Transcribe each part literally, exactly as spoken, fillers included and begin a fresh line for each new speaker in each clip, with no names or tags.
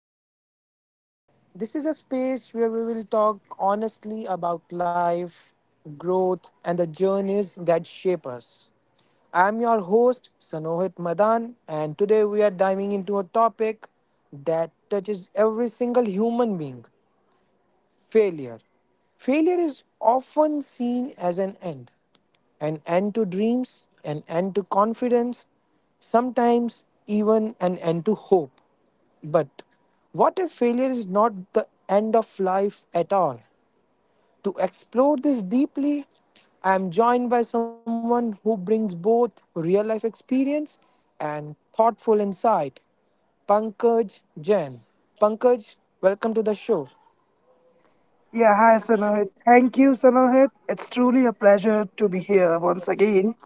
Life. This is a space where we will talk honestly about life, growth, and the journeys that shape us. I'm your host, Sanohit Madan, and today we are diving into a topic that touches every single human being Failure. Failure is often seen as an end, an end to dreams, an end to confidence, sometimes even an end to hope. But what if failure is not the end of life at all? To explore this deeply, I am joined by someone who brings both real life experience and thoughtful insight. Pankaj Jain. Pankaj, welcome to the show.
Yeah, hi Sanohit. Thank you, Sanohit. It's truly a pleasure to be here once again.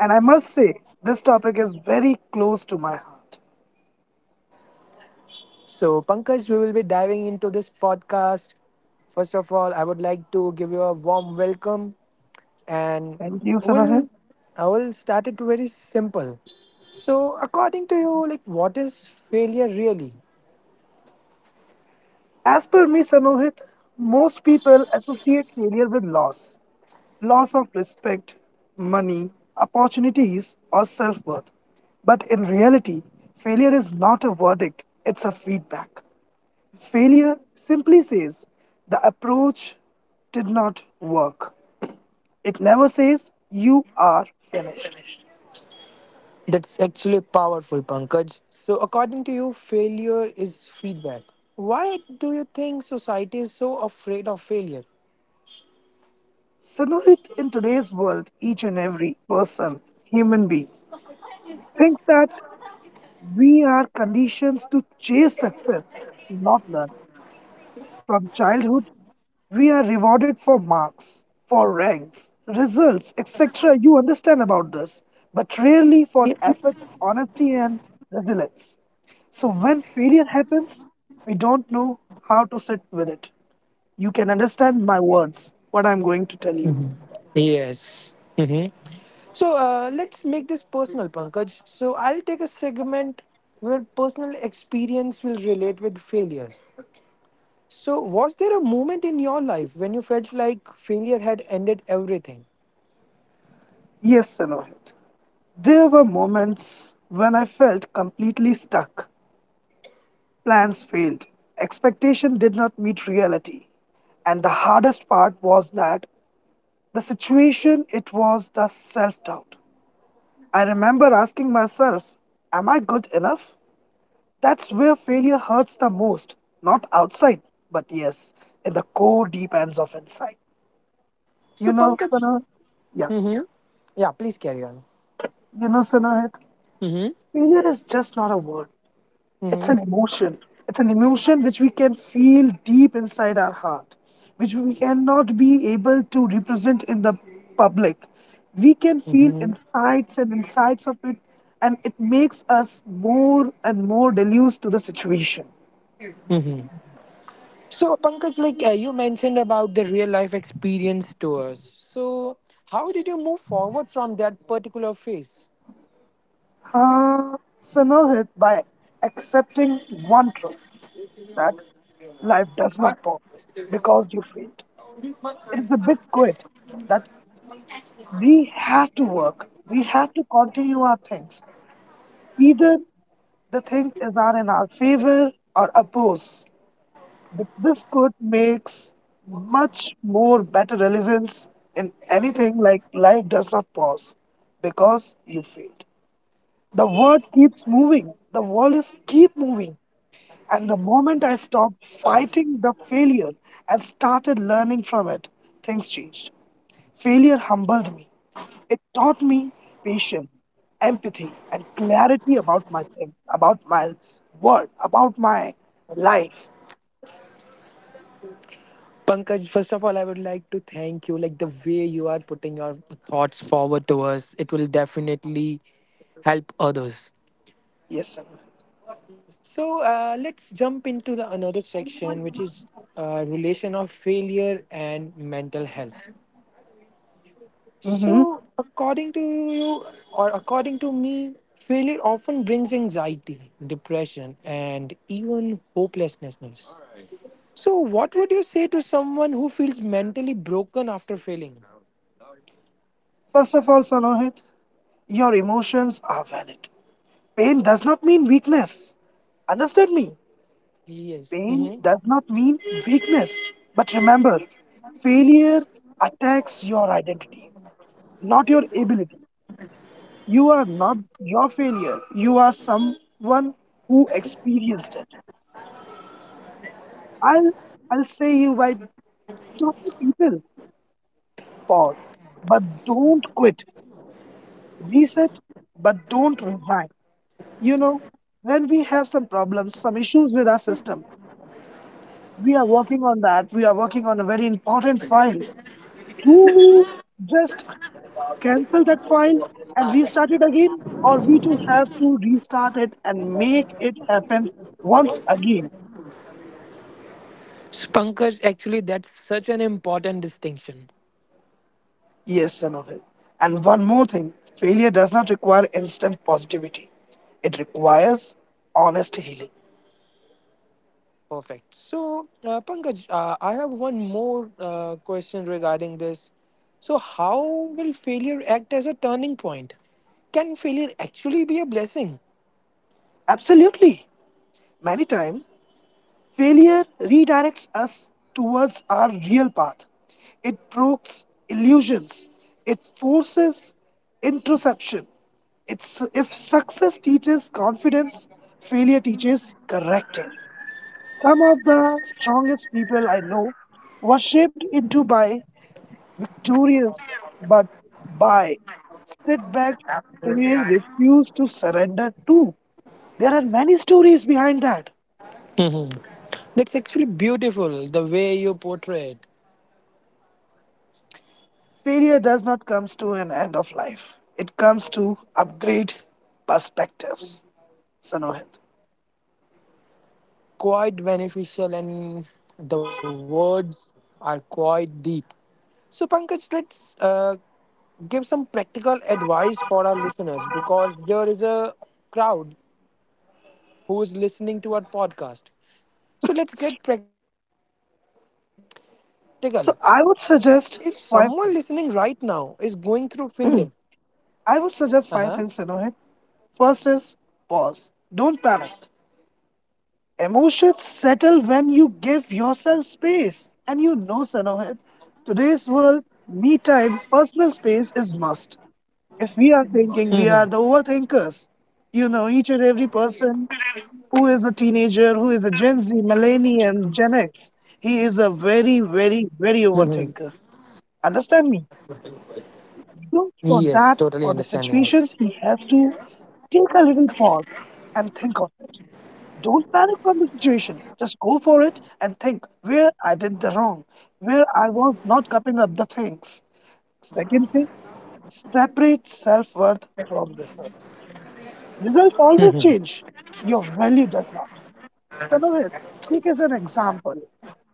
And I must say, this topic is very close to my heart.
So, Pankaj, we will be diving into this podcast. First of all, I would like to give you a warm welcome, and
Thank you, Sanohit.
we'll I will start it very simple. So, according to you, like what is failure really?
As per me, Sanohit, most people associate failure with loss loss of respect, money, opportunities, or self worth. But in reality, failure is not a verdict, it's a feedback. Failure simply says the approach did not work. It never says you are finished.
That's actually powerful, Pankaj. So, according to you, failure is feedback. Why do you think society is so afraid of failure?
So Sanohit, in today's world, each and every person, human being, thinks that we are conditioned to chase success, not learn. From childhood, we are rewarded for marks, for ranks, results, et cetera. You understand about this, but rarely for effort, honesty, and resilience. So when failure happens, we don't know how to sit with it. You can understand my words, what I'm going to tell you.
Yes. So uh, let's make this personal, Pankaj. So I'll take a segment where personal experience will relate with failure. So, was there a moment in your life when you felt like failure had ended everything?
Yes, Sanohit. There were moments when I felt completely stuck. Plans failed. Expectation did not meet reality. And the hardest part was that the situation, it was the self doubt. I remember asking myself, am I good enough? That's where failure hurts the most, not outside, but yes, in the core deep ends of inside. You
So,
know,
Pankaj,
Sana? Yeah.
mm-hmm. Yeah, please carry on.
You know, Sana,
Mm-hmm.
failure is just not a word, it's
Mm-hmm.
an emotion. It's an emotion which we can feel deep inside our heart, which we cannot be able to represent in the public. We can feel
Mm-hmm.
insights and insights of it, and it makes us more and more deluged to the situation.
Mm-hmm. So, Pankaj, like uh, you mentioned about the real life experience to us. So, how did you move forward from that particular phase?
Uh, so Sanohit, by accepting one truth that life does not pause because you failed. It is a big quit that we have to work, we have to continue our things, either the things is are in our favor or oppose. Th- This could makes much more better resilience in anything like life does not pause because you failed. The world keeps moving. The world is keep moving. And the moment I stopped fighting the failure and started learning from it, things changed. Failure humbled me. It taught me patience, empathy, and clarity about my thing, about my world, about my life.
Pankaj, first of all, I would like to thank you. Like the way you are putting your thoughts forward to us, it will definitely help others.
Yes,
So uh, let's jump into the another section, which is uh, relation of failure and mental health.
mm-hmm.
So according to you, or according to me, failure often brings anxiety, depression, and even hopelessness. So what would you say to someone who feels mentally broken after failing?
First of all, Sanohit, your emotions are valid. Pain does not mean weakness. Understand me?
Yes.
Pain
Mm-hmm.
does not mean weakness. But remember, failure attacks your identity, not your ability. You are not your failure. You are someone who experienced it. I'll I'll say you by talk to people. Pause. But don't quit. Reset, but don't resign. You know, when we have some problems, some issues with our system, we are working on that. We are working on a very important file. Do we just cancel that file and restart it again, or we do have to restart it and make it happen once again.
So, Pankaj, actually, that's such an important distinction.
Yes, son. And one more thing, failure does not require instant positivity, it requires honest healing.
Perfect. So, uh, Pankaj, uh, I have one more uh, question regarding this. So, how will failure act as a turning point? Can failure actually be a blessing?
Absolutely. Many times failure redirects us towards our real path. It provokes illusions. It forces introspection. It's, if success teaches confidence, failure teaches correcting. Some of the strongest people I know were shaped into by victorious but by setbacks they refuse to surrender to. There are many stories behind that.
Hmm That's actually beautiful the way you portray it.
Failure does not come to an end of life. It comes to upgrade perspectives. Sanohit.
Quite beneficial, and the words are quite deep. So, Pankaj, let's uh, give some practical advice for our listeners because there is a crowd who is listening to our podcast. So let's get practical. If someone listening
So
right
I would
now is
suggest
going through
five things.
failure, uh-huh.
I would suggest five things, Sanohit. First is pause. Don't panic. Emotions settle when you give yourself space. And you know, Sanohit, today's world, me time, personal space is must. If we
Mhm.
are thinking, we are the overthinkers. You know, each and every person who is a teenager, who is a Gen Z, Millennium, Gen X, he is a
Mhm.
very, very, very overthinker. Understand me?
Yes, totally
So
understanding.
for that, for the situations, he has to take a little pause and think of it. Don't panic from the situation. Just go for it and think where I did the wrong, where I was not cupping up the things. Second thing, separate self worth from results. Results always change. Your value does not. Sanohit, take as an example.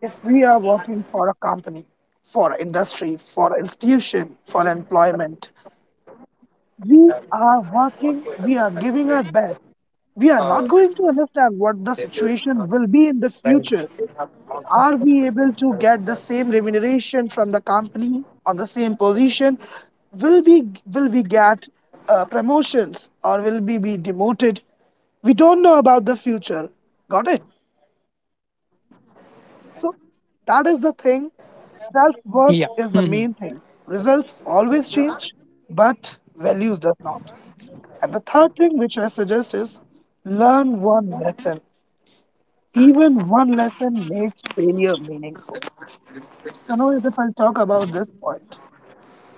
If we are working for a company, for industry, for institution, for employment, we are working, we are giving our best. We are not going to understand what the situation will be in the future. Are we able to get the same remuneration from the company on the same position? Will we will we get uh, promotions or will we be demoted? We don't know about the future. Got it?
Yeah. Mhm.
So that is the thing. Self worth is the main thing. Results always change, but values does not. And the third thing which I suggest is learn one lesson. Even one lesson makes failure meaningful. So now if I'll talk about this point.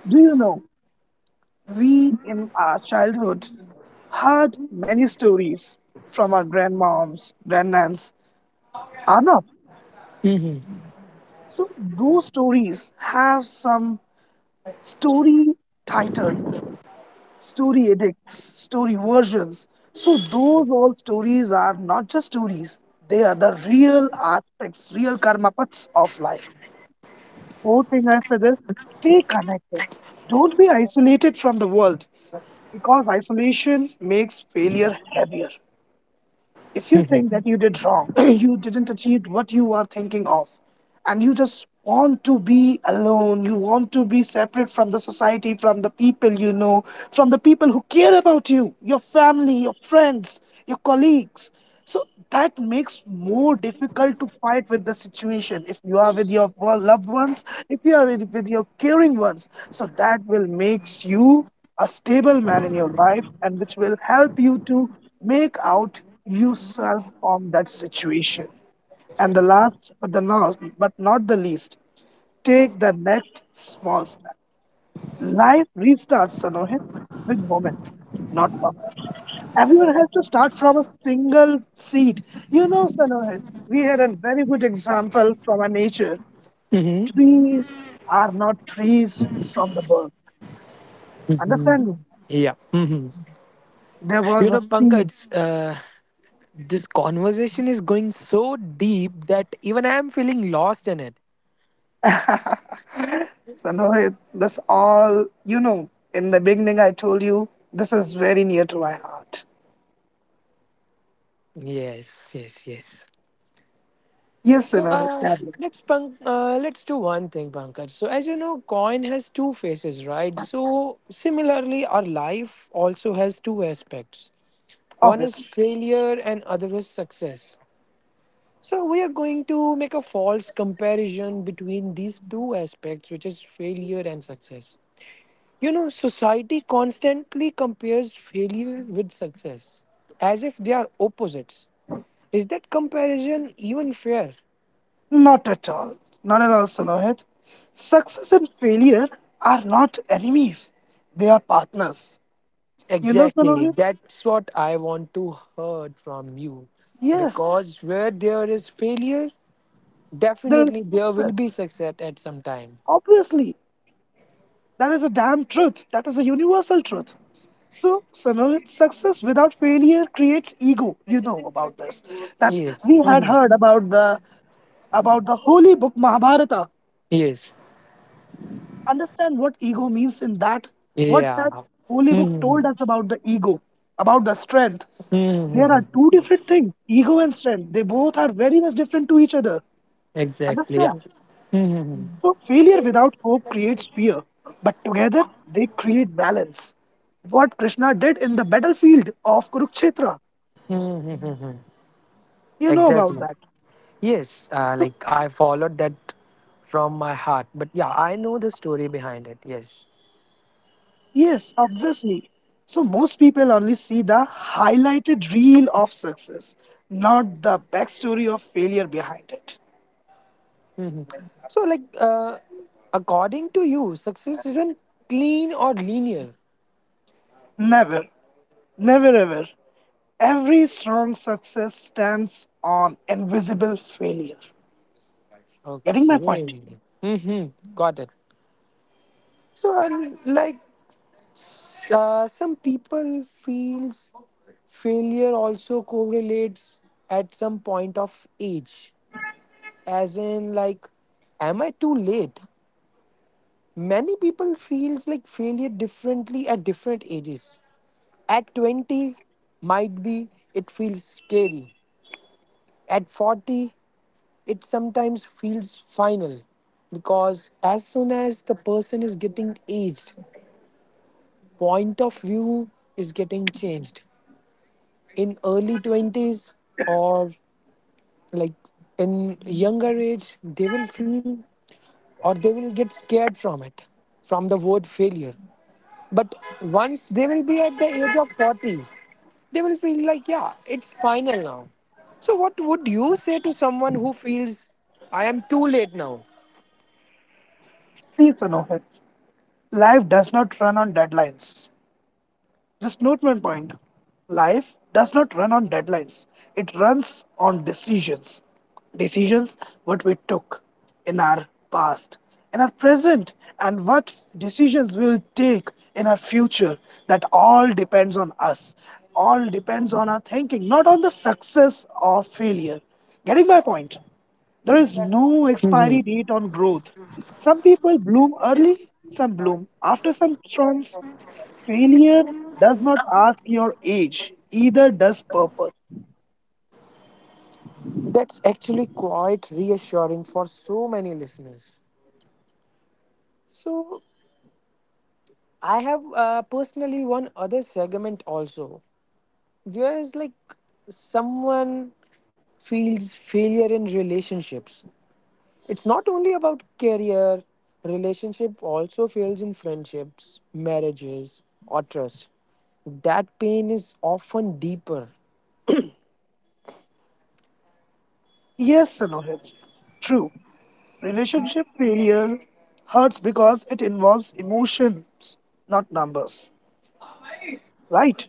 Do you know we in our childhood heard many stories from our grandmoms, grandnans, Arnav.
Mhm.
So those stories have some story title story edicts, story versions. So those all stories are not just stories; they are the real aspects, real karmapaths of life. Fourth thing I suggest: stay connected. Don't be isolated from the world because isolation makes failure heavier if you
Mhm.
think that you did wrong, you didn't achieve what you are thinking of, and you just want to be alone, you want to be separate from the society, from the people you know, from the people who care about you, your family, your friends, your colleagues. So so that makes more difficult to fight with the situation if you are with your loved ones, if you are with, with your caring ones. So that will makes you a stable man in your life and which will help you to make out yourself from that situation. And the last but the not but not the least, take the next small step. Life restarts, Sanohit, with moments, not perfection. Everyone has to start from a single seed. You know, Sanohit, we had a very good example from our nature.
Mhm.
Trees are not trees from the birth. Understand
Mhm.
me?
Yeah. Mhm.
There was
You
a
know,
seed.
Pankaj, uh, this conversation is going so deep that even I am feeling lost in it.
Sanohit, that's all, you know, in the beginning I told you, this is very near to my heart.
Yes, yes, yes.
Yes,
So
Sanohit,
uh,
sadly,
let's Pank, uh, let's do one thing, Pankaj. So as you know, coin has two faces, right? So similarly, our life also has two aspects. One is
obviously.
failure, and other is success. So we are going to make a false comparison between these two aspects, which is failure and success. You know, society constantly compares failure with success, as if they are opposites. Is that comparison even fair?
Not at all. Not at all, Salohit. Success and failure are not enemies. They are partners. You know,
Exactly.
Salohit?
That's what I want to heard from you.
Yes,
Because where there is failure,
there is
definitely there will
success.
be success at some time.
Obviously, that is a damn truth. That is a universal truth. So, Sanohit, success without failure creates ego. You know about this. That
Yes.
we had
Mhm.
heard about the about the holy book Mahabharata.
Yes.
Understand what ego means in that, what
Yeah.
that holy book
Mhm.
told us about the ego, about the strength. There are
Mhm.
two different things ego and strength. They both are very much different to each other.
Exactly. Yeah.
Understand?
Mhm.
So, failure without hope creates fear, but together they create balance. What Krishna did in the battlefield of Kurukshetra,
Mhm.
you know about
Exactly.
that.
Yes. Uh,
So,
like I followed that from my heart. But yeah, I know the story behind it. Yes.
yes, obviously. So most people only see the highlighted reel of success, not the backstory of failure behind it.
Mhm. So, like, uh, according to you, success isn't clean or linear.
Never, never ever. Every strong success stands on invisible failure. Getting my
Okay.
point?
Mm-hmm. Got it. So, and like, s- uh, some people feels failure also correlates at some point of age, as in like, am I too late? Many people feels like failure differently at different ages. At twenty, might be it feels scary. At forty it sometimes feels final because as soon as the person is getting aged, point of view is getting changed. In early twenties or like in younger age, they will feel or they will get scared from it, from the word failure. But once they will be at the age of forty, they will feel like, yeah, it's final now. So, what would you say to someone who feels I am too late now?
See, Sanohit, life does not run on deadlines. Just note one point. Life does not run on deadlines. It runs on decisions. Decisions what we took in our past, in our present, and what decisions we'll take in our future. That all depends on us. All depends on our thinking, not on the success or failure. Getting my point? There is no expiry date on growth. Some people bloom early, some bloom after some storms. Failure does not ask your age, either does purpose.
That's actually quite reassuring for so many listeners. So, I have uh, personally one other segment also. There is like someone feels failure in relationships. It's not only about career, relationship also fails in friendships, marriages, or trust. That pain is often deeper.
Yes, Sanohit. True. Relationship failure hurts because it involves emotions, not numbers. Right?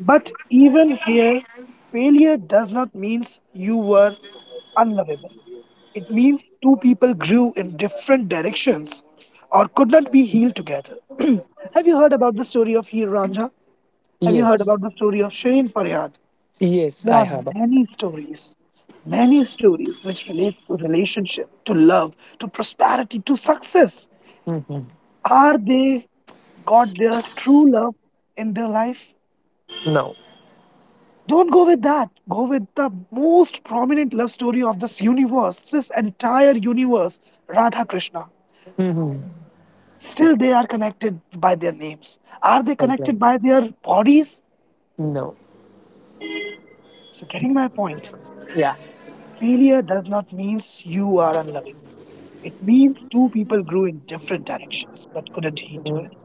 But even here, failure does not mean you were unlovable. It means two people grew in different directions or could not be healed together. Have you heard about the story of Heer Ranja? Have you heard
Yes,
about the story of Shirin Faryad?
yes,
There
I
are
have.
many stories, many stories which relate to relationship, to love, to prosperity, to success.
Mm-hmm.
Are they got their true love in their life?
No.
Don't go with that. Go with the most prominent love story of this universe, this entire universe, Radha Krishna.
Mm-hmm.
Still, they are connected by their names. Are they connected
Exactly.
by their bodies?
No.
So, getting my point,
Yeah.
failure does not mean you are unloving. It means two people grew in different directions but couldn't meet
hmm
together.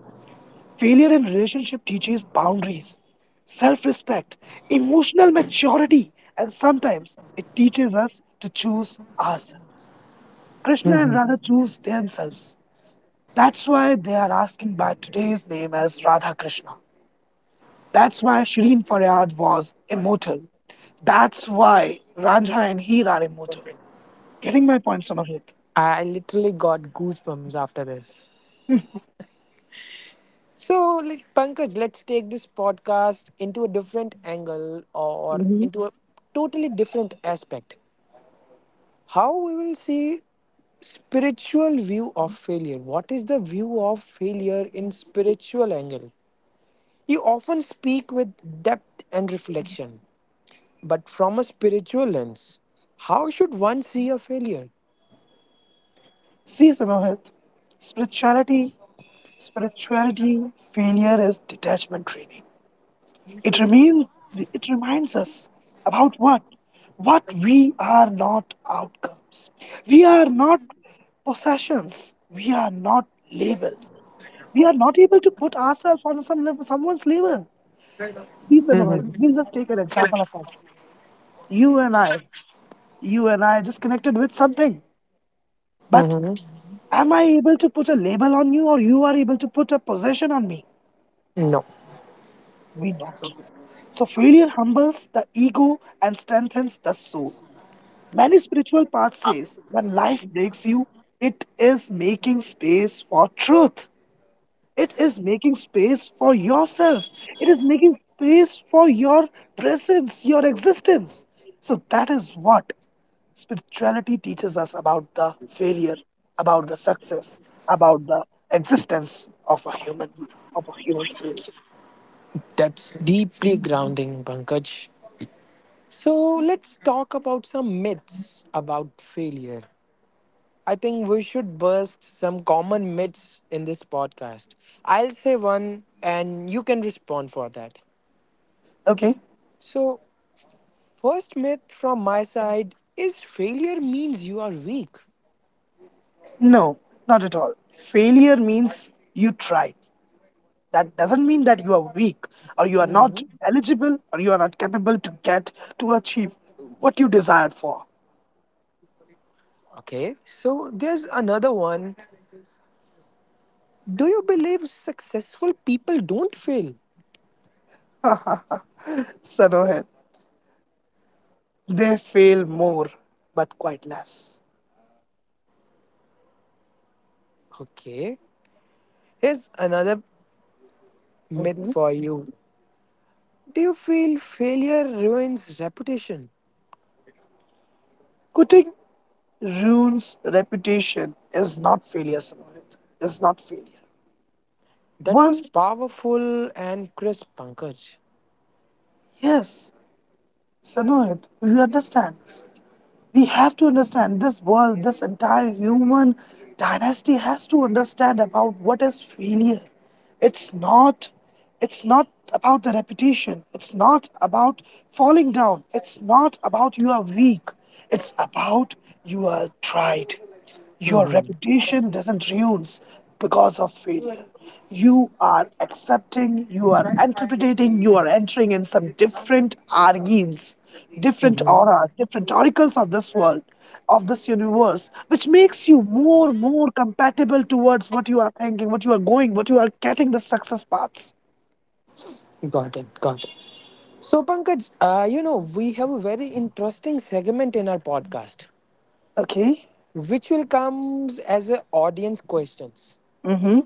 Failure in relationship teaches boundaries, self respect, emotional maturity, and sometimes it teaches us to choose ourselves. Krishna and Radha choose themselves. That's why they are asking by today's name as Radha Krishna. That's why Shirin Faryad was immortal. That's why Ranja and Heer are immortal. Getting my point, Samahit?
I I literally got goosebumps after this. So, like, Pankaj, let's take this podcast into a different angle or
Hmm.
into a totally different aspect. How we will see spiritual view of failure. What is the view of failure in spiritual angle? You often speak with depth and reflection, but from a spiritual lens, how should one see a failure?
See, Samahit, spirituality, spirituality failure is detachment training. It, remain, it reminds us about what? What we are not outcomes. We are not possessions. We are not labels. We are not able to put ourselves on some level, someone's label. Please, Pranav,
Mm-hmm.
we'll just take an example of us. You and I. You and I just connected with something. But
Mm-hmm.
am I able to put a label on you, or you are able to put a possession on me?
No.
We not. So failure humbles the ego and strengthens the soul. Many spiritual paths says when life breaks you, it is making space for truth. It is making space for yourself. It is making space for your presence, your existence. So that is what spirituality teaches us about the failure, about the success, about the existence of a human of a human soul.
That's deeply grounding, Pankaj. So let's talk about some myths about failure. I think we should burst some common myths in this podcast. I'll say one and you can respond for that.
Okay?
So, first myth from my side is failure means you are weak.
No, not at all. Failure means you try. That doesn't mean that you are weak, or you are not eligible, or you are not capable to get to achieve what you desired for.
Okay, so there's another one. Do you believe successful people don't fail?
Sanohit, they fail more but quite less.
Okay, here's another myth for
Mhm.
you. Do you feel failure ruins reputation?
Quitting ruins reputation is not failure, Sanohit. It's not failure.
That was
One,
powerful and crisp, Pankaj.
yes, Sanohit, you understand. We have to understand this world, this entire human dynasty has to understand about what is failure. It's not it's not about the reputation. It's not about falling down. It's not about you are weak. It's about you are tried. Your
Mm-hmm.
reputation doesn't ruins because of failure. You are accepting, you are interpreting, you are entering in some different argins, different
Mm-hmm.
aura, different oracles of this world of this universe, which makes you more, more compatible towards what you are thinking, what you are going, what you are getting the success paths.
Got it. Got it. So, Pankaj, uh, you know, we have a very interesting segment in our podcast,
Okay?
which will comes as a audience questions.
Mm-hmm.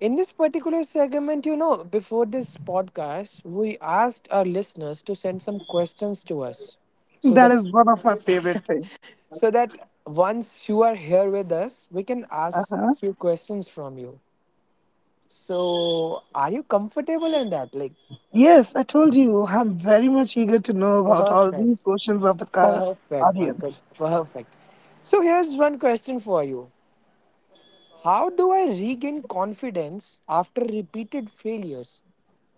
In this particular segment, you know, before this podcast, we asked our listeners to send some questions to us so
That
that
is one of my favorite things.
so that once you are here with us, we can ask
Uh-huh.
few questions from you. So, are you comfortable in that? Like,
Yes, I told you I'm very much eager to know about all these
perfect,
questions of the ca-
perfect, Pankaj,
audience.
perfect. So, here's one question for you. How do I regain confidence after repeated failures?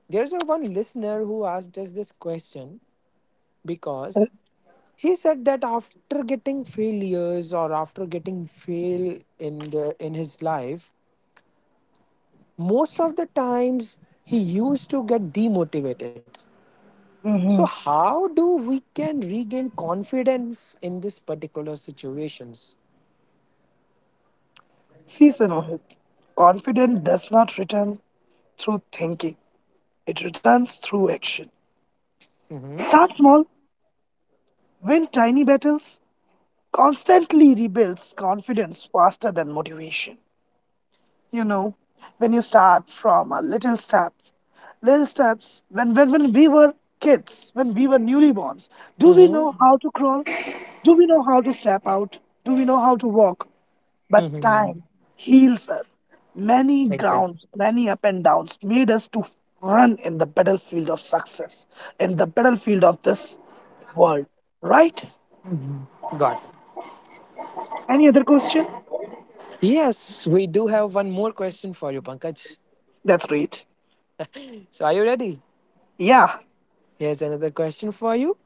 There's a one listener who asked us this question because he said that after getting failures or after getting fail in the in his life most of the times he used to get demotivated. So
Mm-hmm.
how do we can regain confidence in this particular situations?
See, Sanohit, confidence does not return through thinking, it returns through action.
Mm-hmm.
Start small, win tiny battles, constantly rebuilds confidence faster than motivation. You know, when you start from a little step, little steps, when, when, when we were kids, when we were newborns, do we know
Mm-hmm.
how to crawl? Do we know how to step out? Do we know how to walk? But time
Mm-hmm.
heals us. Many grounds,
Exactly.
many up and downs made us to run in the battlefield of success, in the battlefield of this world. Right?
Mhm. Got it.
Any other question?
Yes, we do have one more question for you, Pankaj.
That's great.
So are you ready?
Yeah,
Here's another question for you.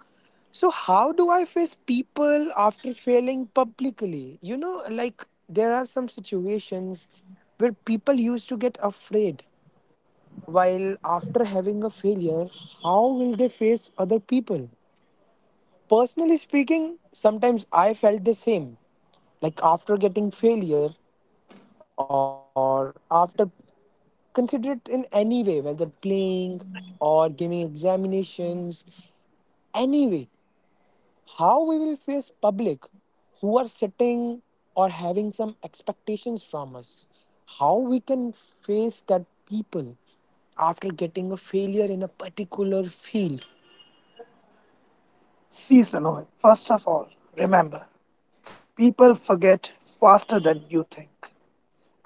So how do I face people after failing publicly? You know, like there are some situations where people used to get afraid while after having a failure, how will they face other people? Personally speaking, sometimes I felt the same. Like after getting failure or after consider it in any way, whether playing or giving examinations, any way how we will face public who are sitting or having some expectations from us, how we can face that people after getting a failure in a particular field.
seasonal. First of all, remember, people forget faster than you think.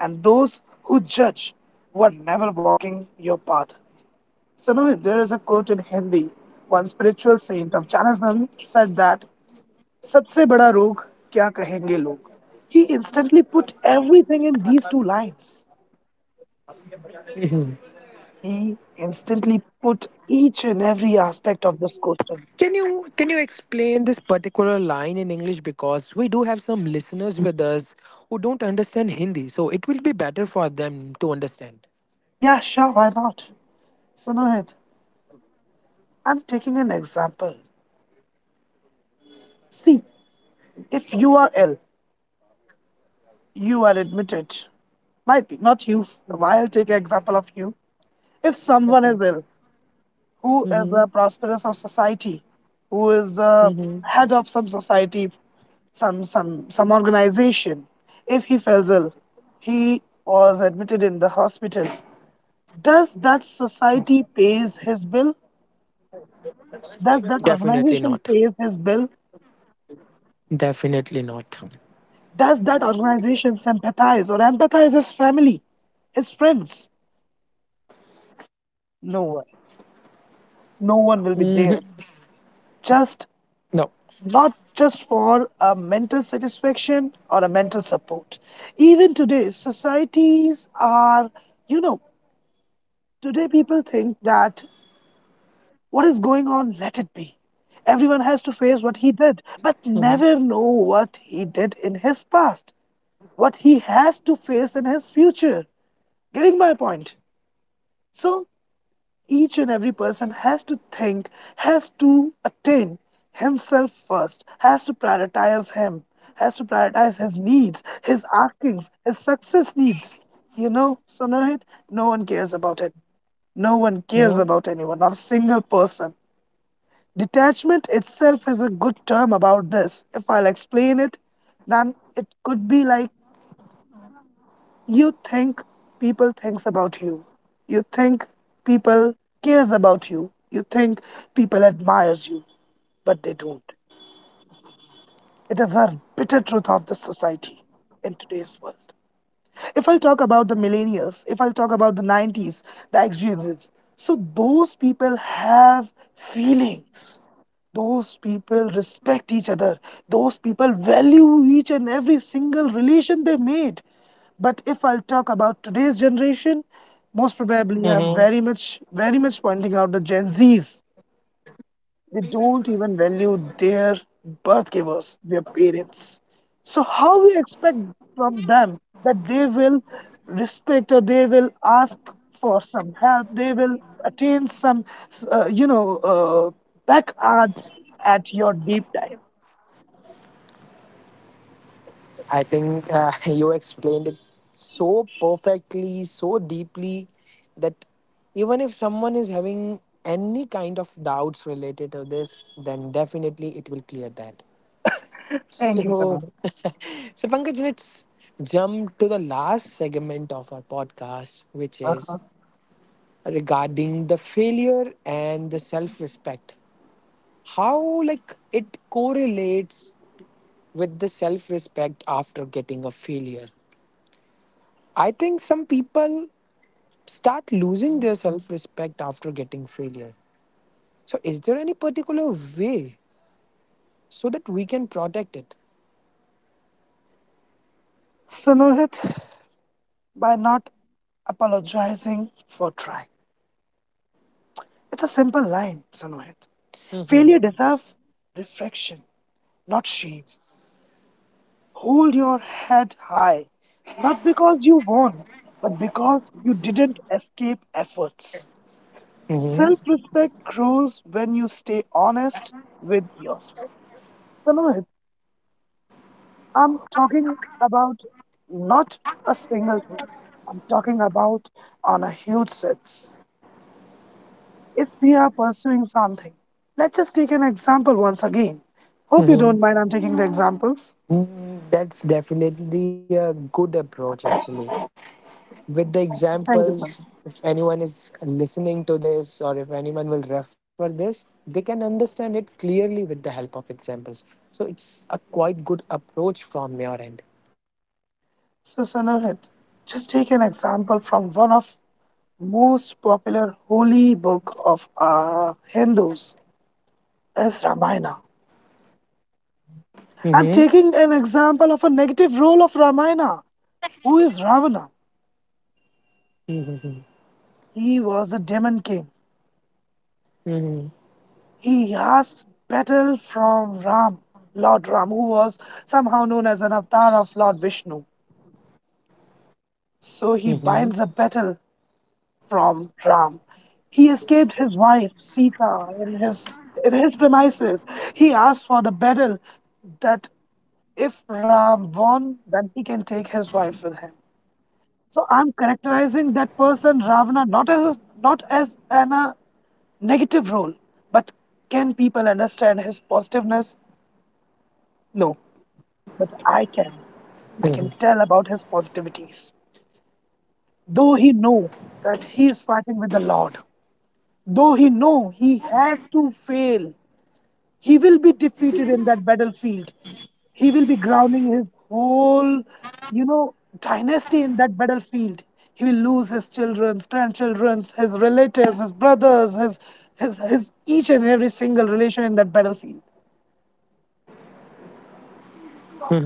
And those who judge were never walking your path. So, now there is a quote in Hindi. One spiritual saint of Jainism said that, सबसे बड़ा रोग क्या कहेंगे लोग. He instantly put everything in these two lines.
Mhm.
He instantly put each and every aspect of this question.
Can you can you explain this particular line in English because we do have some listeners with us who don't understand Hindi, so it will be better for them to understand.
Yeah, sure, why not? So, Nohit, I'm taking an example. See, if you are ill, you are admitted. Might be, not you. I'll take an example of you. If someone is ill, who is a
Hmm
prosperous of society, who is the
hmm
head of some society, some some some organization, if he falls ill, he was admitted in the hospital. Does that society pays his bill? Does that
Definitely not.
organization pays his bill?
Definitely not.
Does that organization sympathize or empathize his family, his friends? No one.
Hmm
No one will be there. Just not just for a mental satisfaction or a mental support. Even today, societies are, you know, today people think that what is going on, let it be. Everyone has to face what
No.
he did, but never know what he did in his past, what he has to face in his future. Getting my point? So each and every person has to think, has to attain himself first, has to prioritize him, has to prioritize his needs, his askings, his success needs. You know, so Sonohit, no one cares about it.
hmm
No one cares about anyone, not a single person. Detachment itself is a good term about this. If I'll explain it, then it could be like you think people thinks about you. You think people cares about you. You think people admires you, but they don't. It is a bitter truth of the society in today's world. If I'll talk about the millennials, if I'll talk about the nineties, the X Gen Zs, so those people have feelings. Those people respect each other. Those people value each and every single relation they made. But if I'll talk about today's generation, most probably
hmm
I'm very much, very much pointing out the Gen Zs, they don't even value their birth givers, their parents. So, how we expect from them that they will respect, or they will ask for some help, they will attain some, uh, you know, uh, back odds at your deep dive?
I think uh, you explained it so perfectly, so deeply that even if someone is having any kind of doubts related to this, then definitely it will clear that.
Thank you,
So,
Pranav.
so Pankaj, let's jump to the last segment of our podcast, which is
Uh-huh.
regarding the failure and the self-respect. How like it correlates with the self respect after getting a failure. I think some people start losing their self respect after getting failure. So, is there any particular way so that we can protect it?
So, Nohit, by not apologizing for trying. It's a simple line, Sanohit.
Mhm.
Failure deserves reflection, not shame. Hold your head high, not because you won, but because you didn't escape efforts. Self respect grows when you stay honest with yourself. So, Mohit, I'm talking about not a single thing, I'm talking about on a huge sense. If we are pursuing something, let's just take an example once again. Hope you don't
Mhm.
mind, I'm taking the examples.
Mm, that's definitely a good approach, actually. With the
Thank you,
examples,
Sanam.
if anyone is listening to this or if anyone will refer this, they can understand it clearly with the help of examples. So it's a quite good approach from your end.
So, Sanohit, just take an example from one of most popular holy book of uh, Hindus is Ramayana.
Mhm.
I'm taking an example of a negative role of Ramayana, who is Ravana.
Mhm.
He was a demon king.
Mhm.
He asked battle from Ram, Lord Ram, who was somehow known as an avatar of Lord Vishnu. So
Mhm.
he binds a battle from Ram. He escaped his wife Sita in his in his premises. He asked for the battle that if Ram won, then he can take his wife with him. So I'm characterizing that person Ravana not as a, not as an uh, negative role, but can people understand his positiveness? No, but I
Mhm.
can.
Mhm.
I can tell about his positivities, though he know that he is fighting with the Lord, though he know he has to fail, he will be defeated in that battlefield, he will be grounding his whole, you know, dynasty in that battlefield, he will lose his children's, grandchildren's, his relatives, his brothers, his, his, his each and every single relation in that battlefield.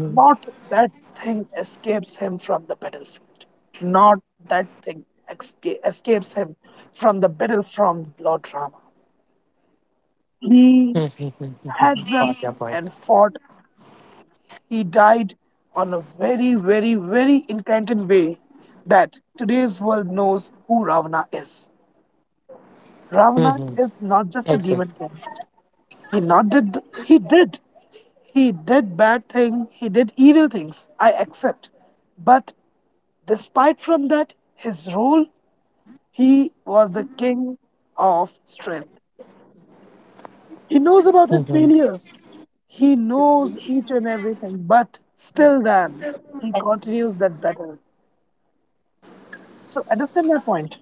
Not that thing escapes him from the battlefield, not that thing esca- escapes him from the battle from Lord Rama.
Mhm.
He
Mhm. Got your point.
heads up and fought. He died on a very, very, very incantant way that today's world knows who Ravana is.
Mm-hmm.
Ravana is not
Exactly.
just a demon king. He not did he did he did bad thing, he did evil things. I accept. But despite from that his role, he was the king of strength. He knows about his
Mm-hmm.
failures. He knows each and everything, but still then he continues that battle. So understand my point.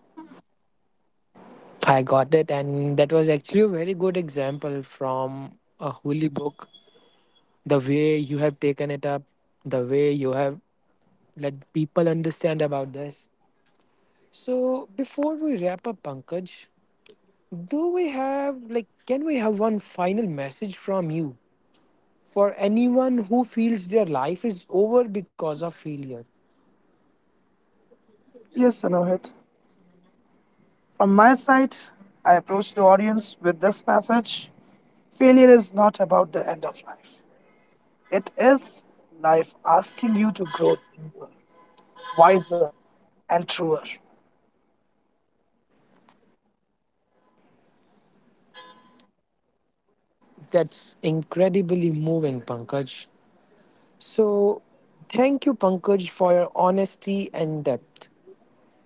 I got it, and that was actually a very good example from a holy book. The way you have taken it up, the way you have let people understand about this. So, before we wrap up, Pankaj, do we have like can we have one final message from you for anyone who feels their life is over because of failure?
Yes, Sanohit. From my side, I approach the audience with this message: failure is not about the end of life, it is life asking you to grow deeper, wiser, and truer.
That's incredibly moving, Pankaj. So, thank you, Pankaj, for your honesty and depth. And to our listeners, remember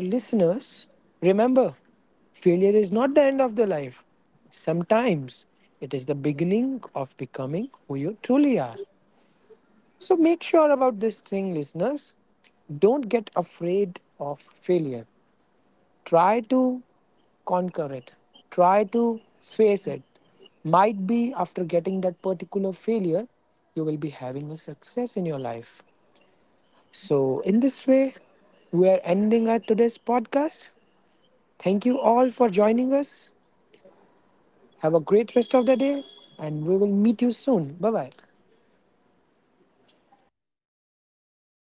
failure is not the end of the life. Sometimes it is the beginning of becoming who you truly are. So, make sure about this thing, listeners. Don't get afraid of failure. Try to conquer it. Try to face it. Might be after getting that particular failure, you will be having a success in your life. So, in this way, we are ending our today's podcast. Thank you all for joining us. Have a great rest of the day, and we will meet you soon. Bye bye.